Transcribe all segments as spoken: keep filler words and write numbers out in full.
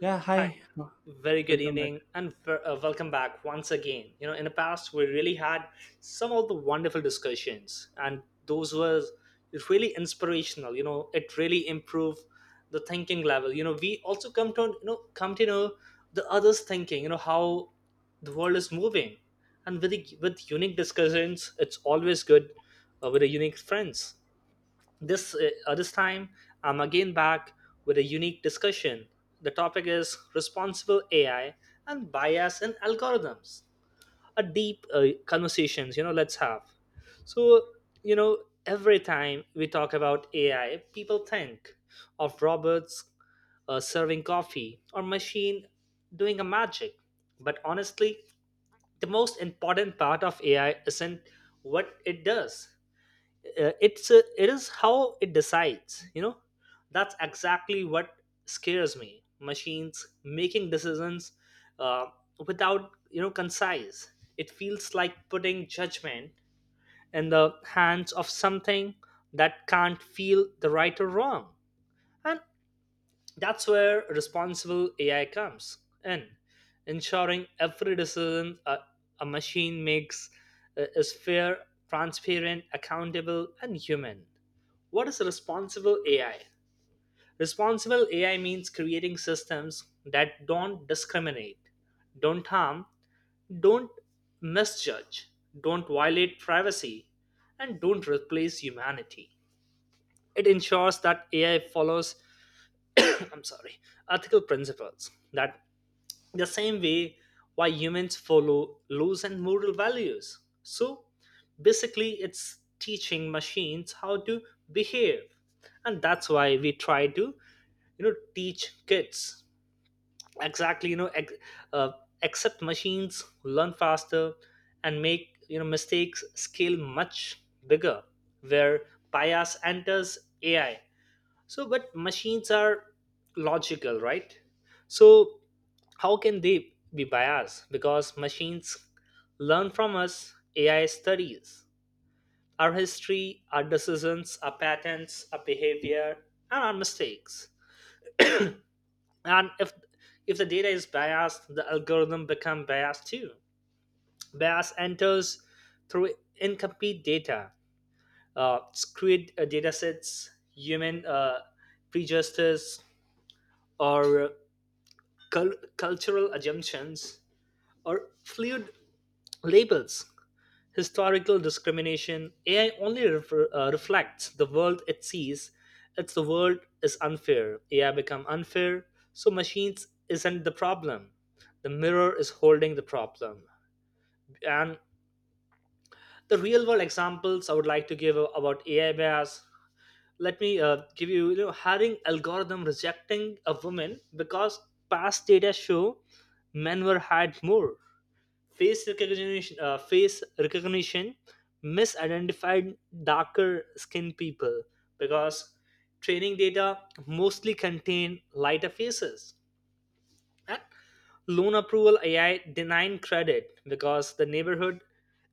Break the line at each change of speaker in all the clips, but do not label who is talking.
Yeah,
Hi,
hi.
very good
Welcome back.
evening, and ver- uh, welcome back once again. You know, in the past, we really had some of the wonderful discussions, and those were really inspirational. You know, it really improved the thinking level. You know, we also come to you know come to know the others' thinking. You know how the world is moving, and with the, with unique discussions, it's always good uh, with the unique friends. This uh, uh, this time, I'm again back with a unique discussion. The topic is responsible A I and bias in algorithms. A deep uh, conversations, you know, let's have. So, you know, every time we talk about A I, people think of robots uh, serving coffee or machine doing a magic. But honestly, the most important part of A I isn't what it does, uh, it's a, it is how it decides you know That's exactly what scares me, machines making decisions uh, without, you know concise. It feels like putting judgment in the hands of something that can't feel the right or wrong, and that's where responsible ai comes in, ensuring every decision a, a machine makes uh, is fair, transparent, accountable, and human. What is responsible A I? Responsible A I means creating systems that don't discriminate, don't harm, don't misjudge, don't violate privacy, and don't replace humanity. It ensures that A I follows I'm sorry, ethical principles that the same way why humans follow laws and moral values. So basically, it's teaching machines how to behave, and that's why we try to, you know, teach kids exactly, you know, ex- uh, accept machines, learn faster, and make you know mistakes scale much bigger, where bias enters A I. So, but machines are logical, right? So how can they be biased? Because machines learn from us. Ai studies our history, our decisions, our patterns, our behavior, and our mistakes. And if if the data is biased, the algorithm become biased too. Bias enters through incomplete data, uh, skewed uh, data sets, human uh, prejudices, or cul- cultural assumptions, or fluid labels, historical discrimination. A I only refer, uh, reflects the world it sees. It's the world is unfair. A I become unfair, so machines isn't the problem. The mirror is holding the problem. And the real world examples I would like to give about A I bias. Let me uh, give you, you know, hiring algorithm rejecting a woman because past data show men were hired more. Face recognition uh, face recognition misidentified darker skinned people because training data mostly contain lighter faces. And loan approval ai denying credit because the neighborhood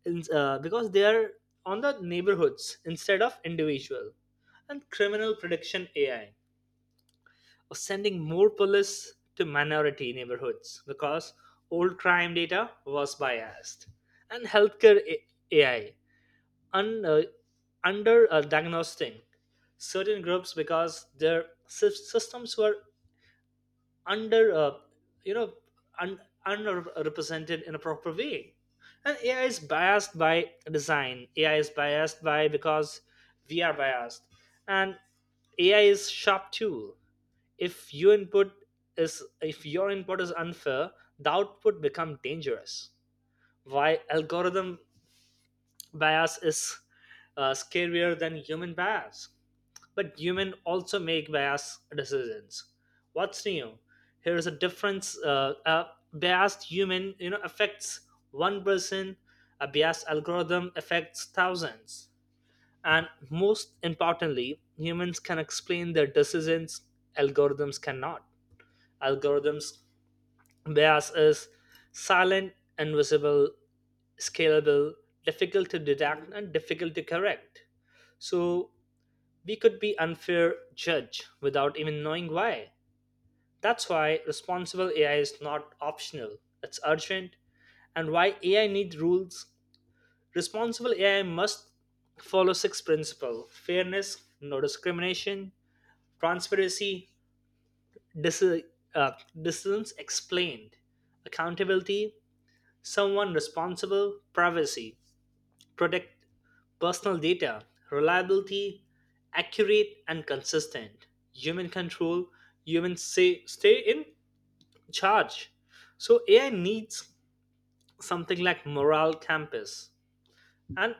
ins- uh, because they are on the neighborhoods instead of individual. And criminal prediction ai or sending more police to minority neighborhoods because old crime data was biased. And healthcare A- AI un, uh, under uh, diagnosing certain groups because their sys- systems were under uh, you know un- underrepresented in a proper way. And A I is biased by design. A I is biased by because we are biased, and A I is sharp tool. if your input is if your input is unfair, the output become dangerous. Why algorithm bias is uh, scarier than human bias? But human also make bias decisions. What's new? Here's a difference, uh, a biased human, you know affects one person. A biased algorithm affects thousands. And most importantly, humans can explain their decisions, algorithms cannot. Algorithms bias is silent, invisible, scalable, difficult to detect, and difficult to correct. So we could be unfair judge without even knowing why. That's why responsible ai is not optional, it's urgent. And why ai needs rules. Responsible ai must follow six principles: fairness, no discrimination; transparency, dis- uh, decisions explained; accountability, someone responsible; privacy, protect personal data; reliability, accurate and consistent; human control, human say, stay in charge. So A I needs something like moral compass. And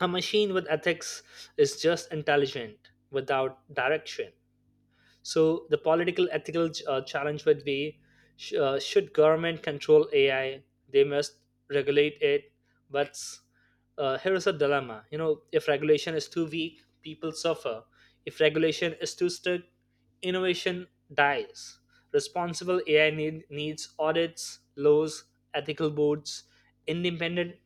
a machine with ethics is just intelligent without direction. So the political ethical uh, challenge would be: sh- uh, should government control A I? They must regulate it, but uh, here is a dilemma. You know, if regulation is too weak, people suffer. If regulation is too strict, innovation dies. Responsible A I need, needs audits, laws, ethical boards, independent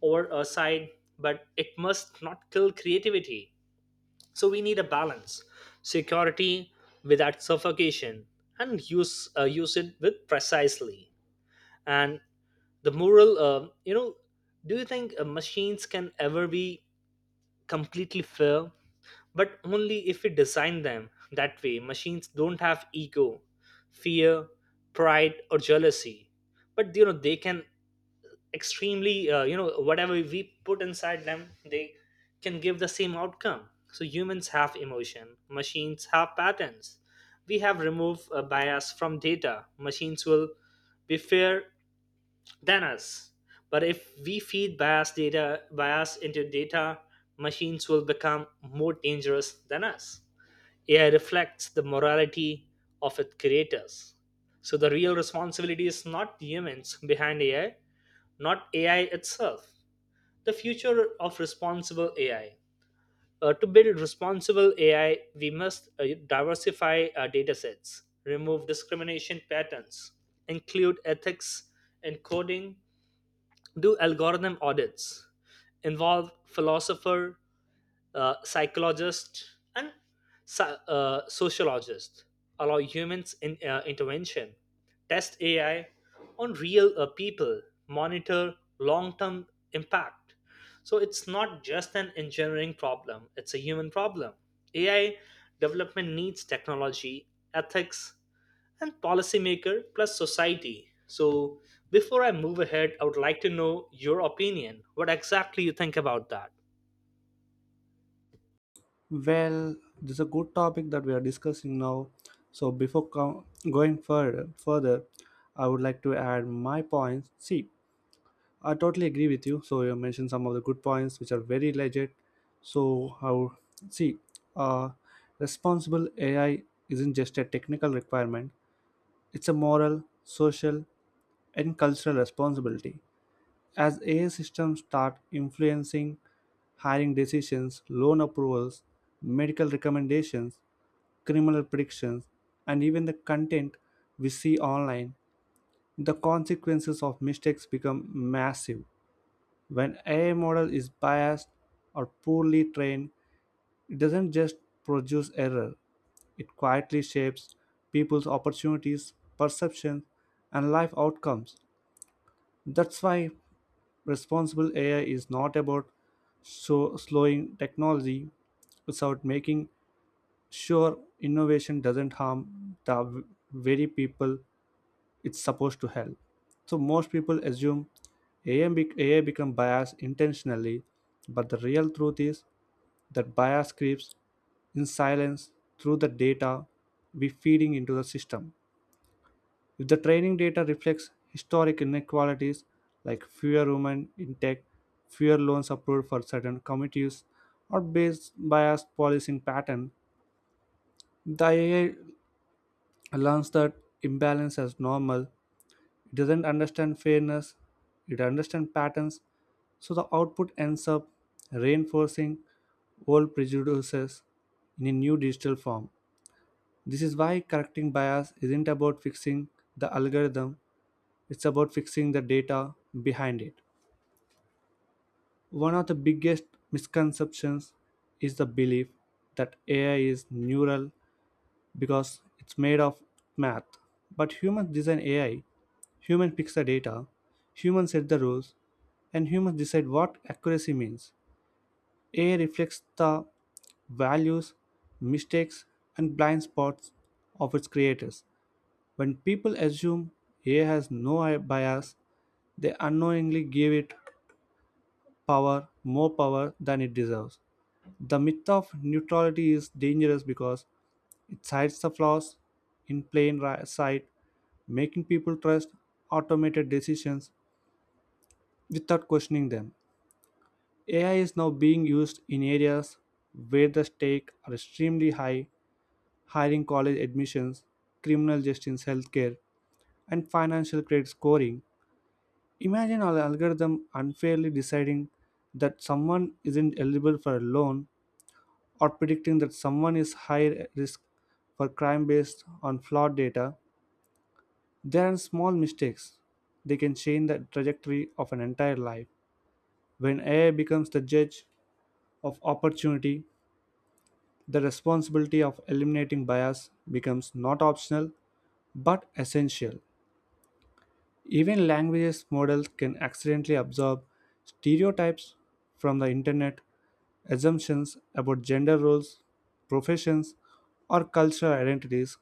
or oversight, but it must not kill creativity. So we need a balance, security without suffocation, and use uh, use it with precisely. And the moral, uh, you know, do you think uh, machines can ever be completely fair? But only if we design them that way. Machines don't have ego, fear, pride, or jealousy. But you know they can extremely, uh, you know whatever we put inside them, they can give the same outcome. So humans have emotion, machines have patterns. We have removed a bias from data, machines will be fair than us. But if we feed bias data bias into data, machines will become more dangerous than us. Ai reflects the morality of its creators. So the real responsibility is not humans behind ai, not A I itself. The future of responsible A I. Uh, to build responsible A I, we must uh, diversify our datasets, remove discrimination patterns, include ethics in coding, do algorithm audits, involve philosopher, uh, psychologists, and so- uh, sociologists, allow humans in uh, intervention, test A I on real uh, people, monitor long-term impact. So it's not just an engineering problem; it's a human problem. A I development needs technology, ethics, and policymaker plus society. So before I move ahead, I would like to know your opinion. What exactly you think about that?
Well, this is a good topic that we are discussing now. So before com- going further, further, I would like to add my points. See, I totally agree with you. So you mentioned some of the good points which are very legit. So how see, uh, responsible A I isn't just a technical requirement; it's a moral, social, and cultural responsibility. As A I systems start influencing hiring decisions, loan approvals, medical recommendations, criminal predictions, and even the content we see online, the consequences of mistakes become massive. When A I model is biased or poorly trained, it doesn't just produce error, it quietly shapes people's opportunities, perceptions, and life outcomes. That's why responsible A I is not about so slowing technology, it's about making sure innovation doesn't harm the v- very people it's supposed to help. So most people assume A I, bec- A I become biased intentionally, but the real truth is that bias creeps in silence through the data we feeding into the system. If the training data reflects historic inequalities like fewer women in tech, fewer loans approved for certain communities, or based biased policing pattern, the A I learns that imbalance as normal. It doesn't understand fairness, it understands patterns, so the output ends up reinforcing old prejudices in a new digital form. This is why correcting bias isn't about fixing the algorithm, it's about fixing the data behind it. One of the biggest misconceptions is the belief that A I is neural because it's made of math. But humans design A I, humans fix the data, humans set the rules, and humans decide what accuracy means. A I reflects the values, mistakes, and blind spots of its creators. When people assume A I has no bias, they unknowingly give it power, more power than it deserves. The myth of neutrality is dangerous because it hides the flaws in plain ri- sight, making people trust automated decisions without questioning them. A I is now being used in areas where the stakes are extremely high: hiring, college admissions, criminal justice, healthcare, and financial credit scoring. Imagine an algorithm unfairly deciding that someone isn't eligible for a loan or predicting that someone is high risk for crime based on flawed data. There are small mistakes. They can change the trajectory of an entire life. When A I becomes the judge of opportunity, the responsibility of eliminating bias becomes not optional but essential. Even languages models can accidentally absorb stereotypes from the internet: assumptions about gender roles, professions, or cultural identities.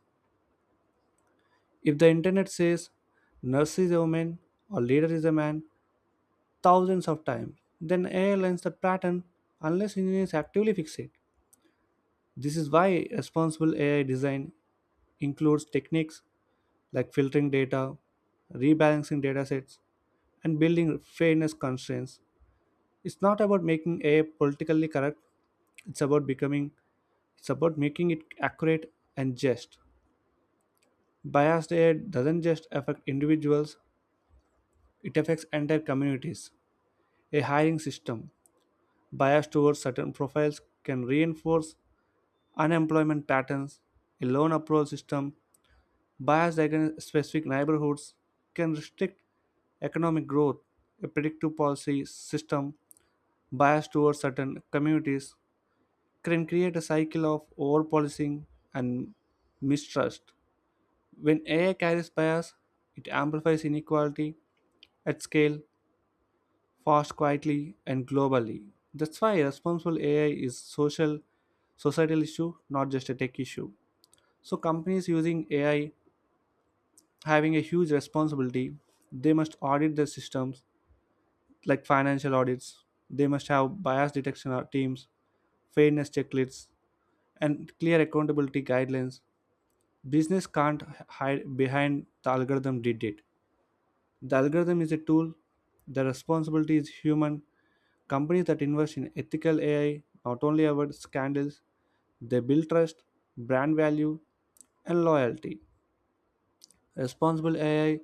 If the internet says nurse is a woman or leader is a man thousands of times, then A I learns that pattern unless engineers actively fix it. This is why responsible A I design includes techniques like filtering data, rebalancing datasets, and building fairness constraints. It's not about making A I politically correct, it's about becoming it's about making it accurate and just. Biased A I doesn't just affect individuals, it affects entire communities. A hiring system biased towards certain profiles can reinforce unemployment patterns. A loan approval system biased against specific neighborhoods can restrict economic growth. A predictive policy system biased towards certain communities can create a cycle of overpolicing and mistrust. When A I carries bias, it amplifies inequality at scale, fast, quietly, and globally. That's why responsible A I is social societal issue, not just a tech issue. So companies using A I having a huge responsibility. They must audit their systems, like financial audits. They must have bias detection teams, fairness checklists, and clear accountability guidelines. Business can't hide behind the algorithm did it. The algorithm is a tool, the responsibility is human. Companies that invest in ethical A I not only avoid scandals, they build trust, brand value, and loyalty. Responsible A I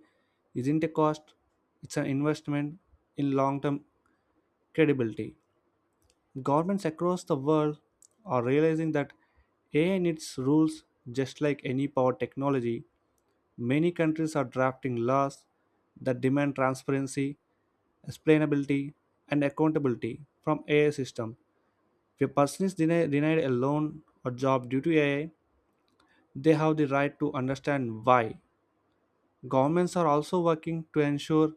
isn't a cost, it's an investment in long term credibility. Governments across the world are realizing that A I needs rules just like any power technology. Many countries are drafting laws that demand transparency, explainability, and accountability from A I systems. If a person is deni- denied a loan or job due to A I, they have the right to understand why. Governments are also working to ensure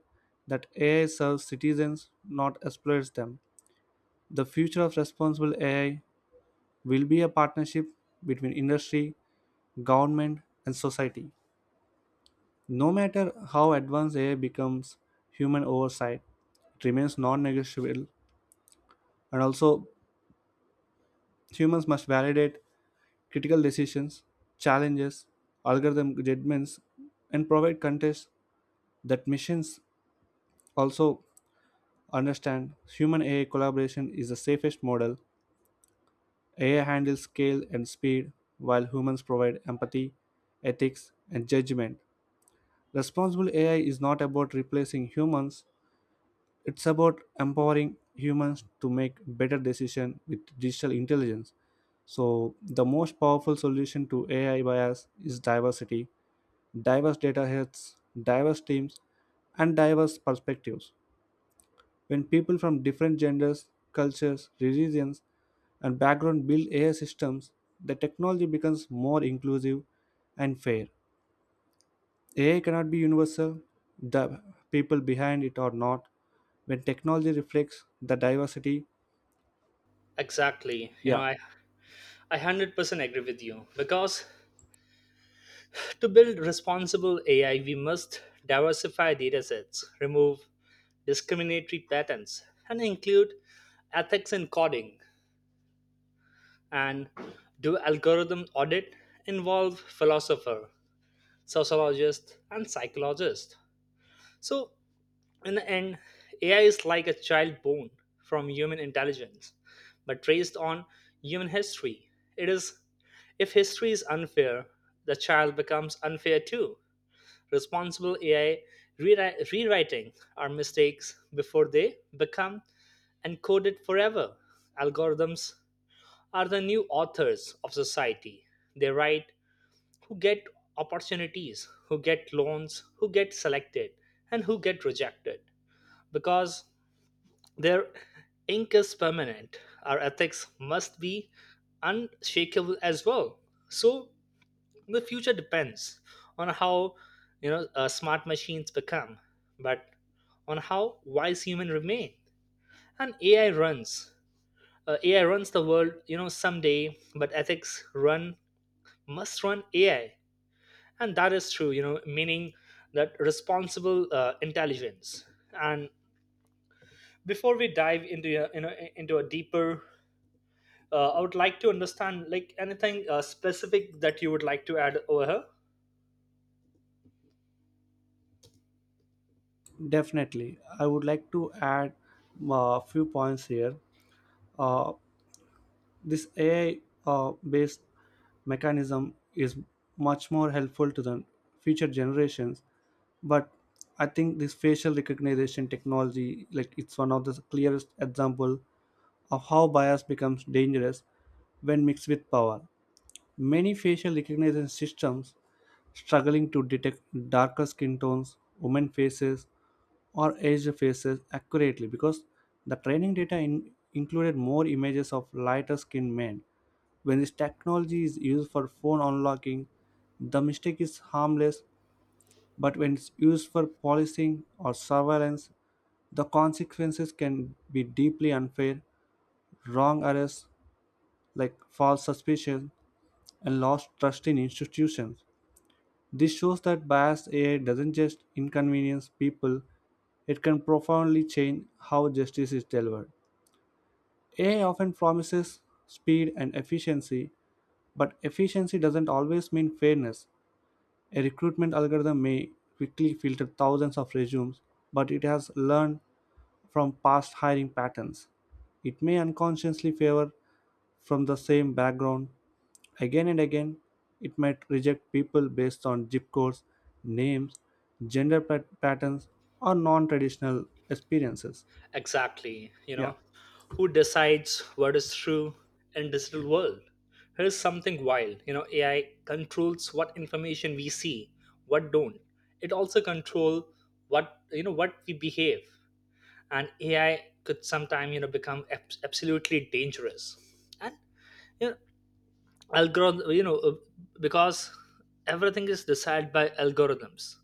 that A I serves citizens, not exploits them. The future of responsible A I will be a partnership between industry, government, and society. No matter how advanced A I becomes, human oversight it remains non negotiable, and also humans must validate critical decisions, challenges, algorithm judgments, and provide context that machines also understand. Human A I collaboration is the safest model. A I handles scale and speed, while humans provide empathy, ethics, and judgment. Responsible A I is not about replacing humans, it's about empowering humans to make better decisions with digital intelligence. So, the most powerful solution to A I bias is diversity: diverse data sets, diverse teams, and diverse perspectives. When people from different genders, cultures, religions, and background build A I systems, the technology becomes more inclusive and fair. A I cannot be universal. The people behind it are not. When technology reflects the diversity,
Exactly. You know,
yeah,
I I one hundred percent agree with you because to build responsible A I, we must diversify datasets, remove discriminatory patterns, and include ethics in coding and do algorithm audit, involve philosopher, sociologist, and psychologist. So in the end, A I is like a child born from human intelligence, but raised on human history. It is, if history is unfair, the child becomes unfair too. Responsible A I rewri- rewriting our mistakes before they become encoded forever. Algorithms are the new authors of society. They write who get opportunities, who get loans, who get selected, and who get rejected. Because their ink is permanent, our ethics must be unshakable as well. So the future depends on how, you know uh, smart machines become, but on how wise human remain. And A I runs. Uh, A I runs the world, you know, someday. But ethics run must run A I, and that is true. You know, meaning that responsible uh, intelligence. And before we dive into, uh, you know into a deeper, uh, I would like to understand like anything uh, specific that you would like to add over here.
definitely, I would like to add a few points here. Uh, this A I uh, based mechanism is much more helpful to the future generations, but I think this facial recognition technology like it's one of the clearest example of how bias becomes dangerous when mixed with power. Many facial recognition systems struggling to detect darker skin tones, women faces, or aged faces accurately because the training data in- included more images of lighter skinned men. When this technology is used for phone unlocking, the mistake is harmless, but when it's used for policing or surveillance, the consequences can be deeply unfair: wrong arrests like false suspicion, and lost trust in institutions. This shows that biased A I doesn't just inconvenience people, it can profoundly change how justice is delivered. A I often promises speed and efficiency, but efficiency doesn't always mean fairness. A recruitment algorithm may quickly filter thousands of resumes, but it has learned from past hiring patterns. It may unconsciously favor from the same background again and again, it might reject people based on zip codes, names, gender pat- patterns, or non traditional experiences.
Exactly, you
Yeah,
know, who decides what is true in digital world? Here's something wild. You know, A I controls what information we see, what don't. It also control what, you know what we behave, and A I could sometime, you know become ab- absolutely dangerous. And you know, algorithm, you know, uh, because everything is decided by algorithms: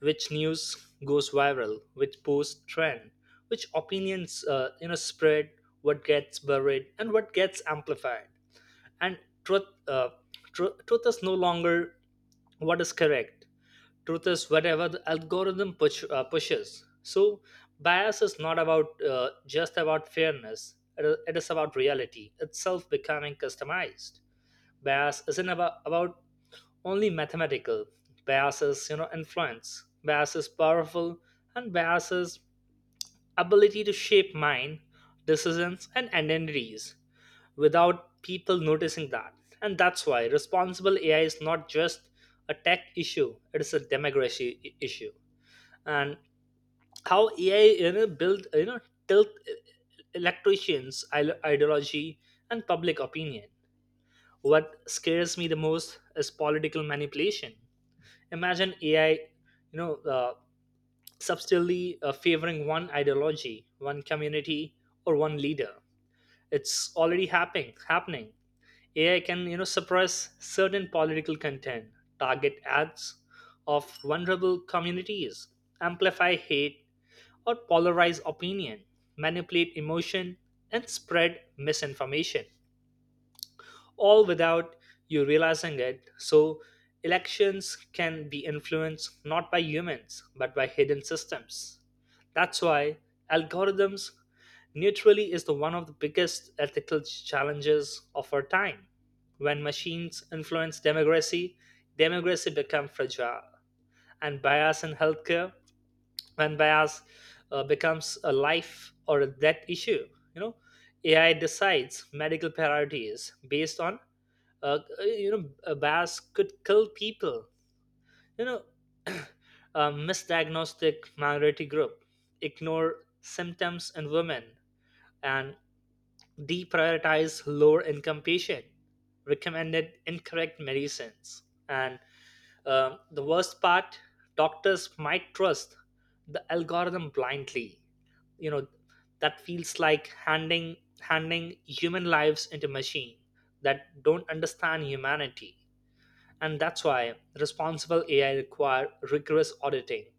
which news goes viral, which post trend, which opinions uh, you know spread, what gets buried, and what gets amplified. And truth, uh, tru- truth is no longer what is correct. Truth is whatever the algorithm push, uh, pushes. So bias is not about uh, just about fairness. It is it is about reality itself becoming customized. Bias isn't about, about only mathematical. Biases, you know, influence. Biases powerful, and biases ability to shape mind, decisions, and identities without people noticing that. And that's why responsible A I is not just a tech issue, it is a democracy i- issue. And how A I, you know, build you know tilt e-, electricians ide- ideology and public opinion. What scares me the most is political manipulation. Imagine AI, you know uh, subtly uh, favoring one ideology, one community, or one leader. It's already happening happening AI can, you know suppress certain political content, target ads of vulnerable communities, amplify hate or polarize opinion, manipulate emotion, and spread misinformation, all without you realizing it. So, elections can be influenced not by humans but by hidden systems. That's why algorithms neutrally is the one of the biggest ethical challenges of our time. When machines influence democracy, democracy becomes fragile. And bias in healthcare, when bias uh, becomes a life or a death issue, you know, A I decides medical priorities based on, uh, uh, you know a bias could kill people. you know a misdiagnostic minority group, ignore symptoms in women, and deprioritize lower income patient, recommended incorrect medicines. And uh, the worst part, doctors might trust the algorithm blindly, you know. That feels like handing handing human lives into machine that don't understand humanity. And that's why responsible A I require rigorous auditing,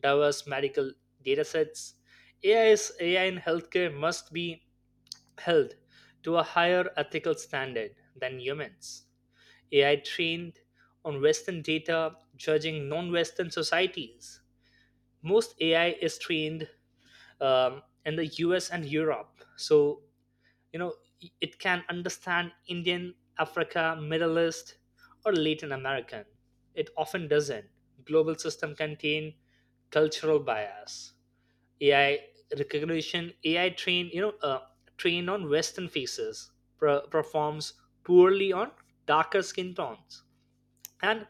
diverse medical datasets. A I is A I in healthcare must be held to a higher ethical standard than humans. A I trained on Western data, judging non-Western societies. Most A I is trained um, in the U S and Europe, so you know it can understand indian africa middle east or latin american it often doesn't global system contain cultural bias ai recognition ai train you know uh, trained on western faces per- performs poorly on darker skin tones and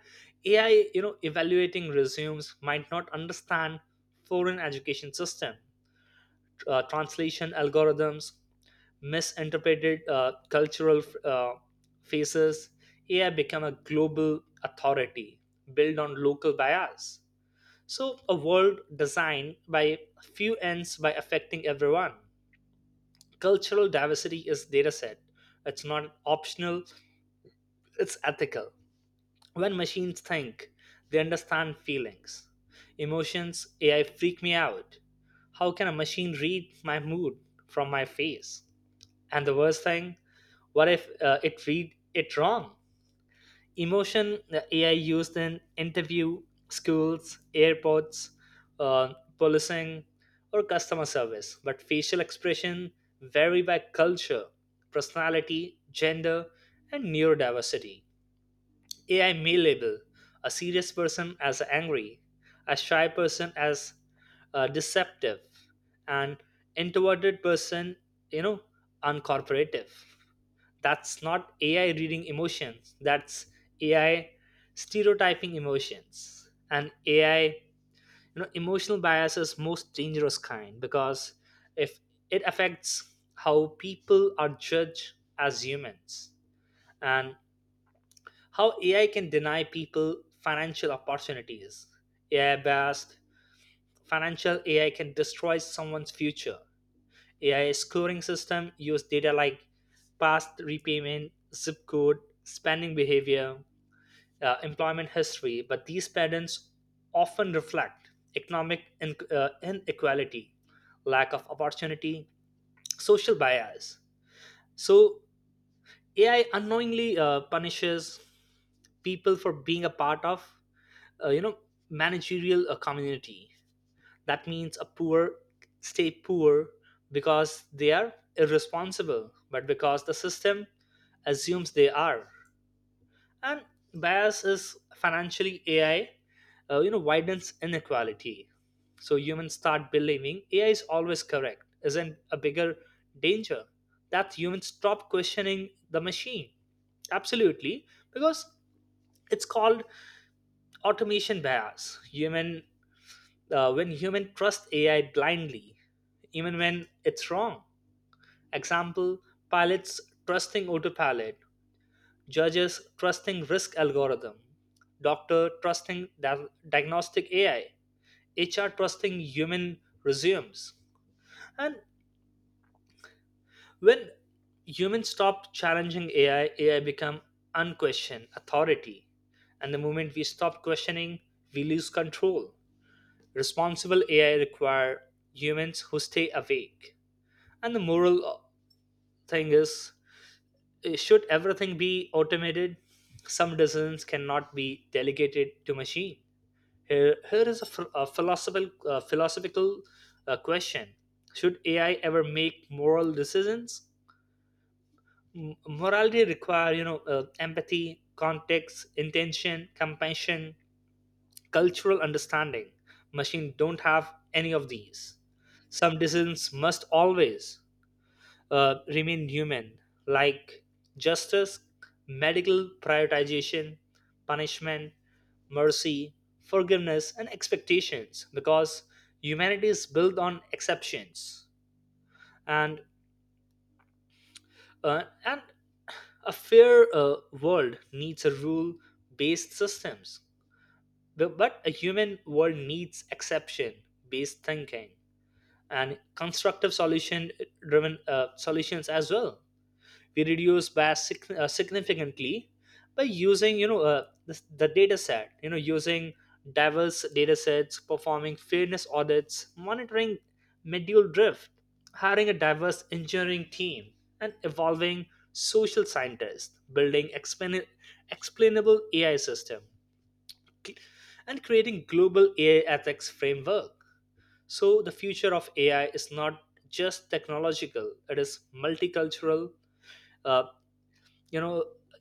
ai you know evaluating resumes might not understand foreign education system uh, translation algorithms misinterpreted uh, cultural uh, faces ai become a global authority built on local bias so a world designed by few ends by affecting everyone cultural diversity is data set it's not optional it's ethical when machines think they understand feelings emotions ai freak me out how can a machine read my mood from my face and the worst thing, what if uh, it read it wrong? Emotion the A I used in interview, schools, airports, uh, policing, or customer service, but facial expression vary by culture, personality, gender, and neurodiversity. A I may label a serious person as angry, a shy person as uh, deceptive, and introverted person, you know, uncorporative. That's not A I reading emotions. That's A I stereotyping emotions. And A I, you know, emotional bias is most dangerous kind because if it affects how people are judged as humans and how A I can deny people financial opportunities. A I based financial A I can destroy someone's future. A I scoring system use data like past repayment, zip code, spending behavior, uh, employment history, but these patterns often reflect economic in- uh, inequality, lack of opportunity, social bias. So A I unknowingly uh, punishes people for being a part of, uh, you know, managerial uh, community. That means a poor stay poor because they are irresponsible but because the system assumes they are. And bias is financially ai uh, you know widens inequality. So humans start believing ai is always correct. Isn't a bigger danger that humans stop questioning the machine? Absolutely, because it's called automation bias human uh, when human trust A I blindly, even when it's wrong. Example: pilots trusting autopilot, judges trusting risk algorithm, doctor trusting dia- diagnostic A I, H R trusting human resumes. And when humans stop challenging A I, A I become unquestioned authority. And the moment we stop questioning, we lose control. Responsible A I require humans who stay awake. And the moral thing is, eh, should everything be automated? Some decisions cannot be delegated to machine. Here, here is a, ph- a philosophical, uh, philosophical uh, question. Should A I ever make moral decisions? M- morality require, you know, uh, empathy, context, intention, compassion, cultural understanding. Machine don't have any of these. Some decisions must always uh, remain human, like justice, medical prioritization, punishment, mercy, forgiveness, and expectations, because humanity is built on exceptions. And, uh, and a fair uh, world needs a rule based systems. Bu- but a human world needs exception based thinking and constructive solution driven uh, solutions as well. We reduce by sig- uh, significantly by using you know uh, the, the data set you know using diverse data sets performing fairness audits monitoring medial drift hiring a diverse engineering team and evolving social scientists building explain- explainable ai system cl- and creating global ai ethics framework. So the future of ai is not just technological, it is multicultural, uh, you know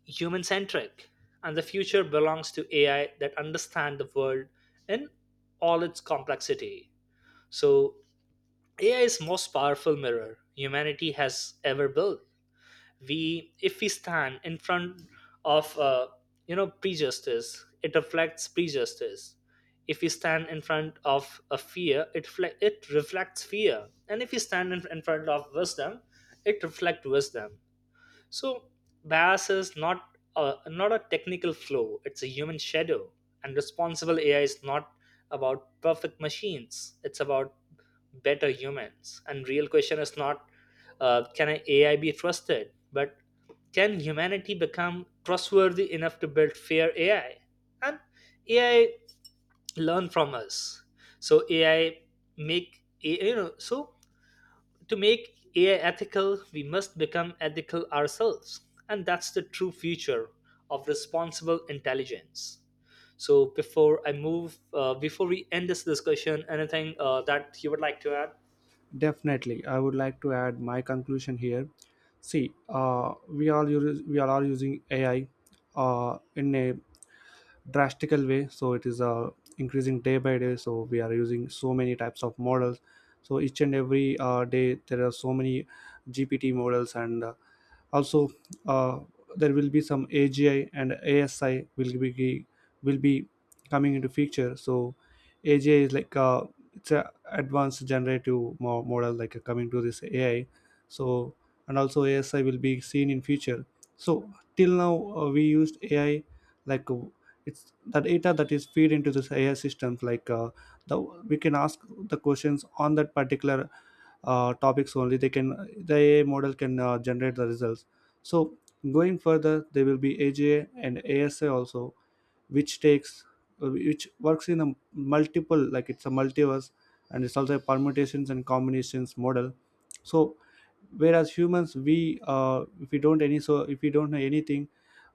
human centric, and the future belongs to ai that understand the world in all its complexity. So ai is most powerful mirror humanity has ever built. We if we stand in front of uh, you know prejustice, it reflects prejustice. If we stand in front of a fear, it fle- it reflects fear, and if we stand in, in front of wisdom, it reflects wisdom. So bias is not a, not a technical flaw; it's a human shadow. And responsible A I is not about perfect machines; it's about better humans. And real question is not, uh, can a AI be trusted, but can humanity become trustworthy enough to build fair A I? And A I learn from us. So AI make you know so to make A I ethical, we must become ethical ourselves. And that's the true future of responsible intelligence. So before I move, uh, before we end this discussion, anything uh, that you would like to add?
definitely, I would like to add my conclusion here. See, uh, we, all use, we all are using A I uh, in a drastical way. So it is uh, increasing day by day. So we are using so many types of models. So each and every uh, day, there are so many G P T models, and uh, also, uh, there will be some agi and asi will be will be coming into feature. So agi is like, uh, it's a advanced generative mo- model, like, uh, coming to this ai. So, and also asi will be seen in future. So till now, uh, we used ai, like, uh, it's the data that is feed into this ai systems, like, uh, the, we can ask the questions on that particular uh, topics only they can the ai model can uh, generate the results. So going further, there will be aja and asa also, which takes, uh, which works in a multiple, like it's a multiverse, and it's also a permutations and combinations model. So whereas humans, we, uh, if we don't any so if we don't know anything,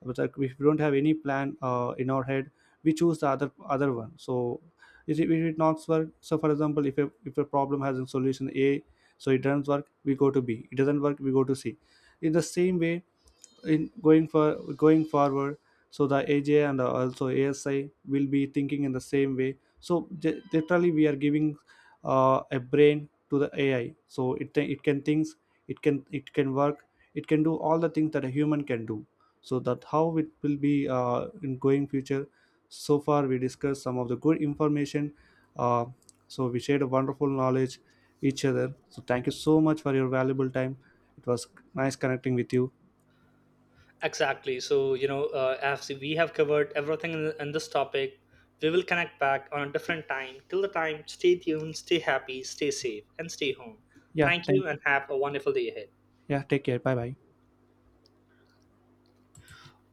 but like if we don't have any plan uh, in our head, we choose the other other one. So if it, if it not work. So, for example, if a, if a problem has a solution a, so it doesn't work, we go to b, it doesn't work, we go to c, in the same way, in going for going forward. So the aj and also asi will be thinking in the same way. So j- literally we are giving uh, a brain to the ai, so it th- it can thinks, it can it can work, it can do all the things that a human can do. So that how it will be uh, in going future. So far we discussed some of the good information. uh, so we shared a wonderful knowledge each other. So thank you so much for your valuable time. It was nice connecting with you.
Exactly. So, you know, uh, as we have covered everything in, in this topic. We will connect back on a different time. Till the time, stay tuned, stay happy, stay safe, and stay home.
yeah
Thank you
thank
and have a wonderful day ahead.
Yeah, take care. Bye bye.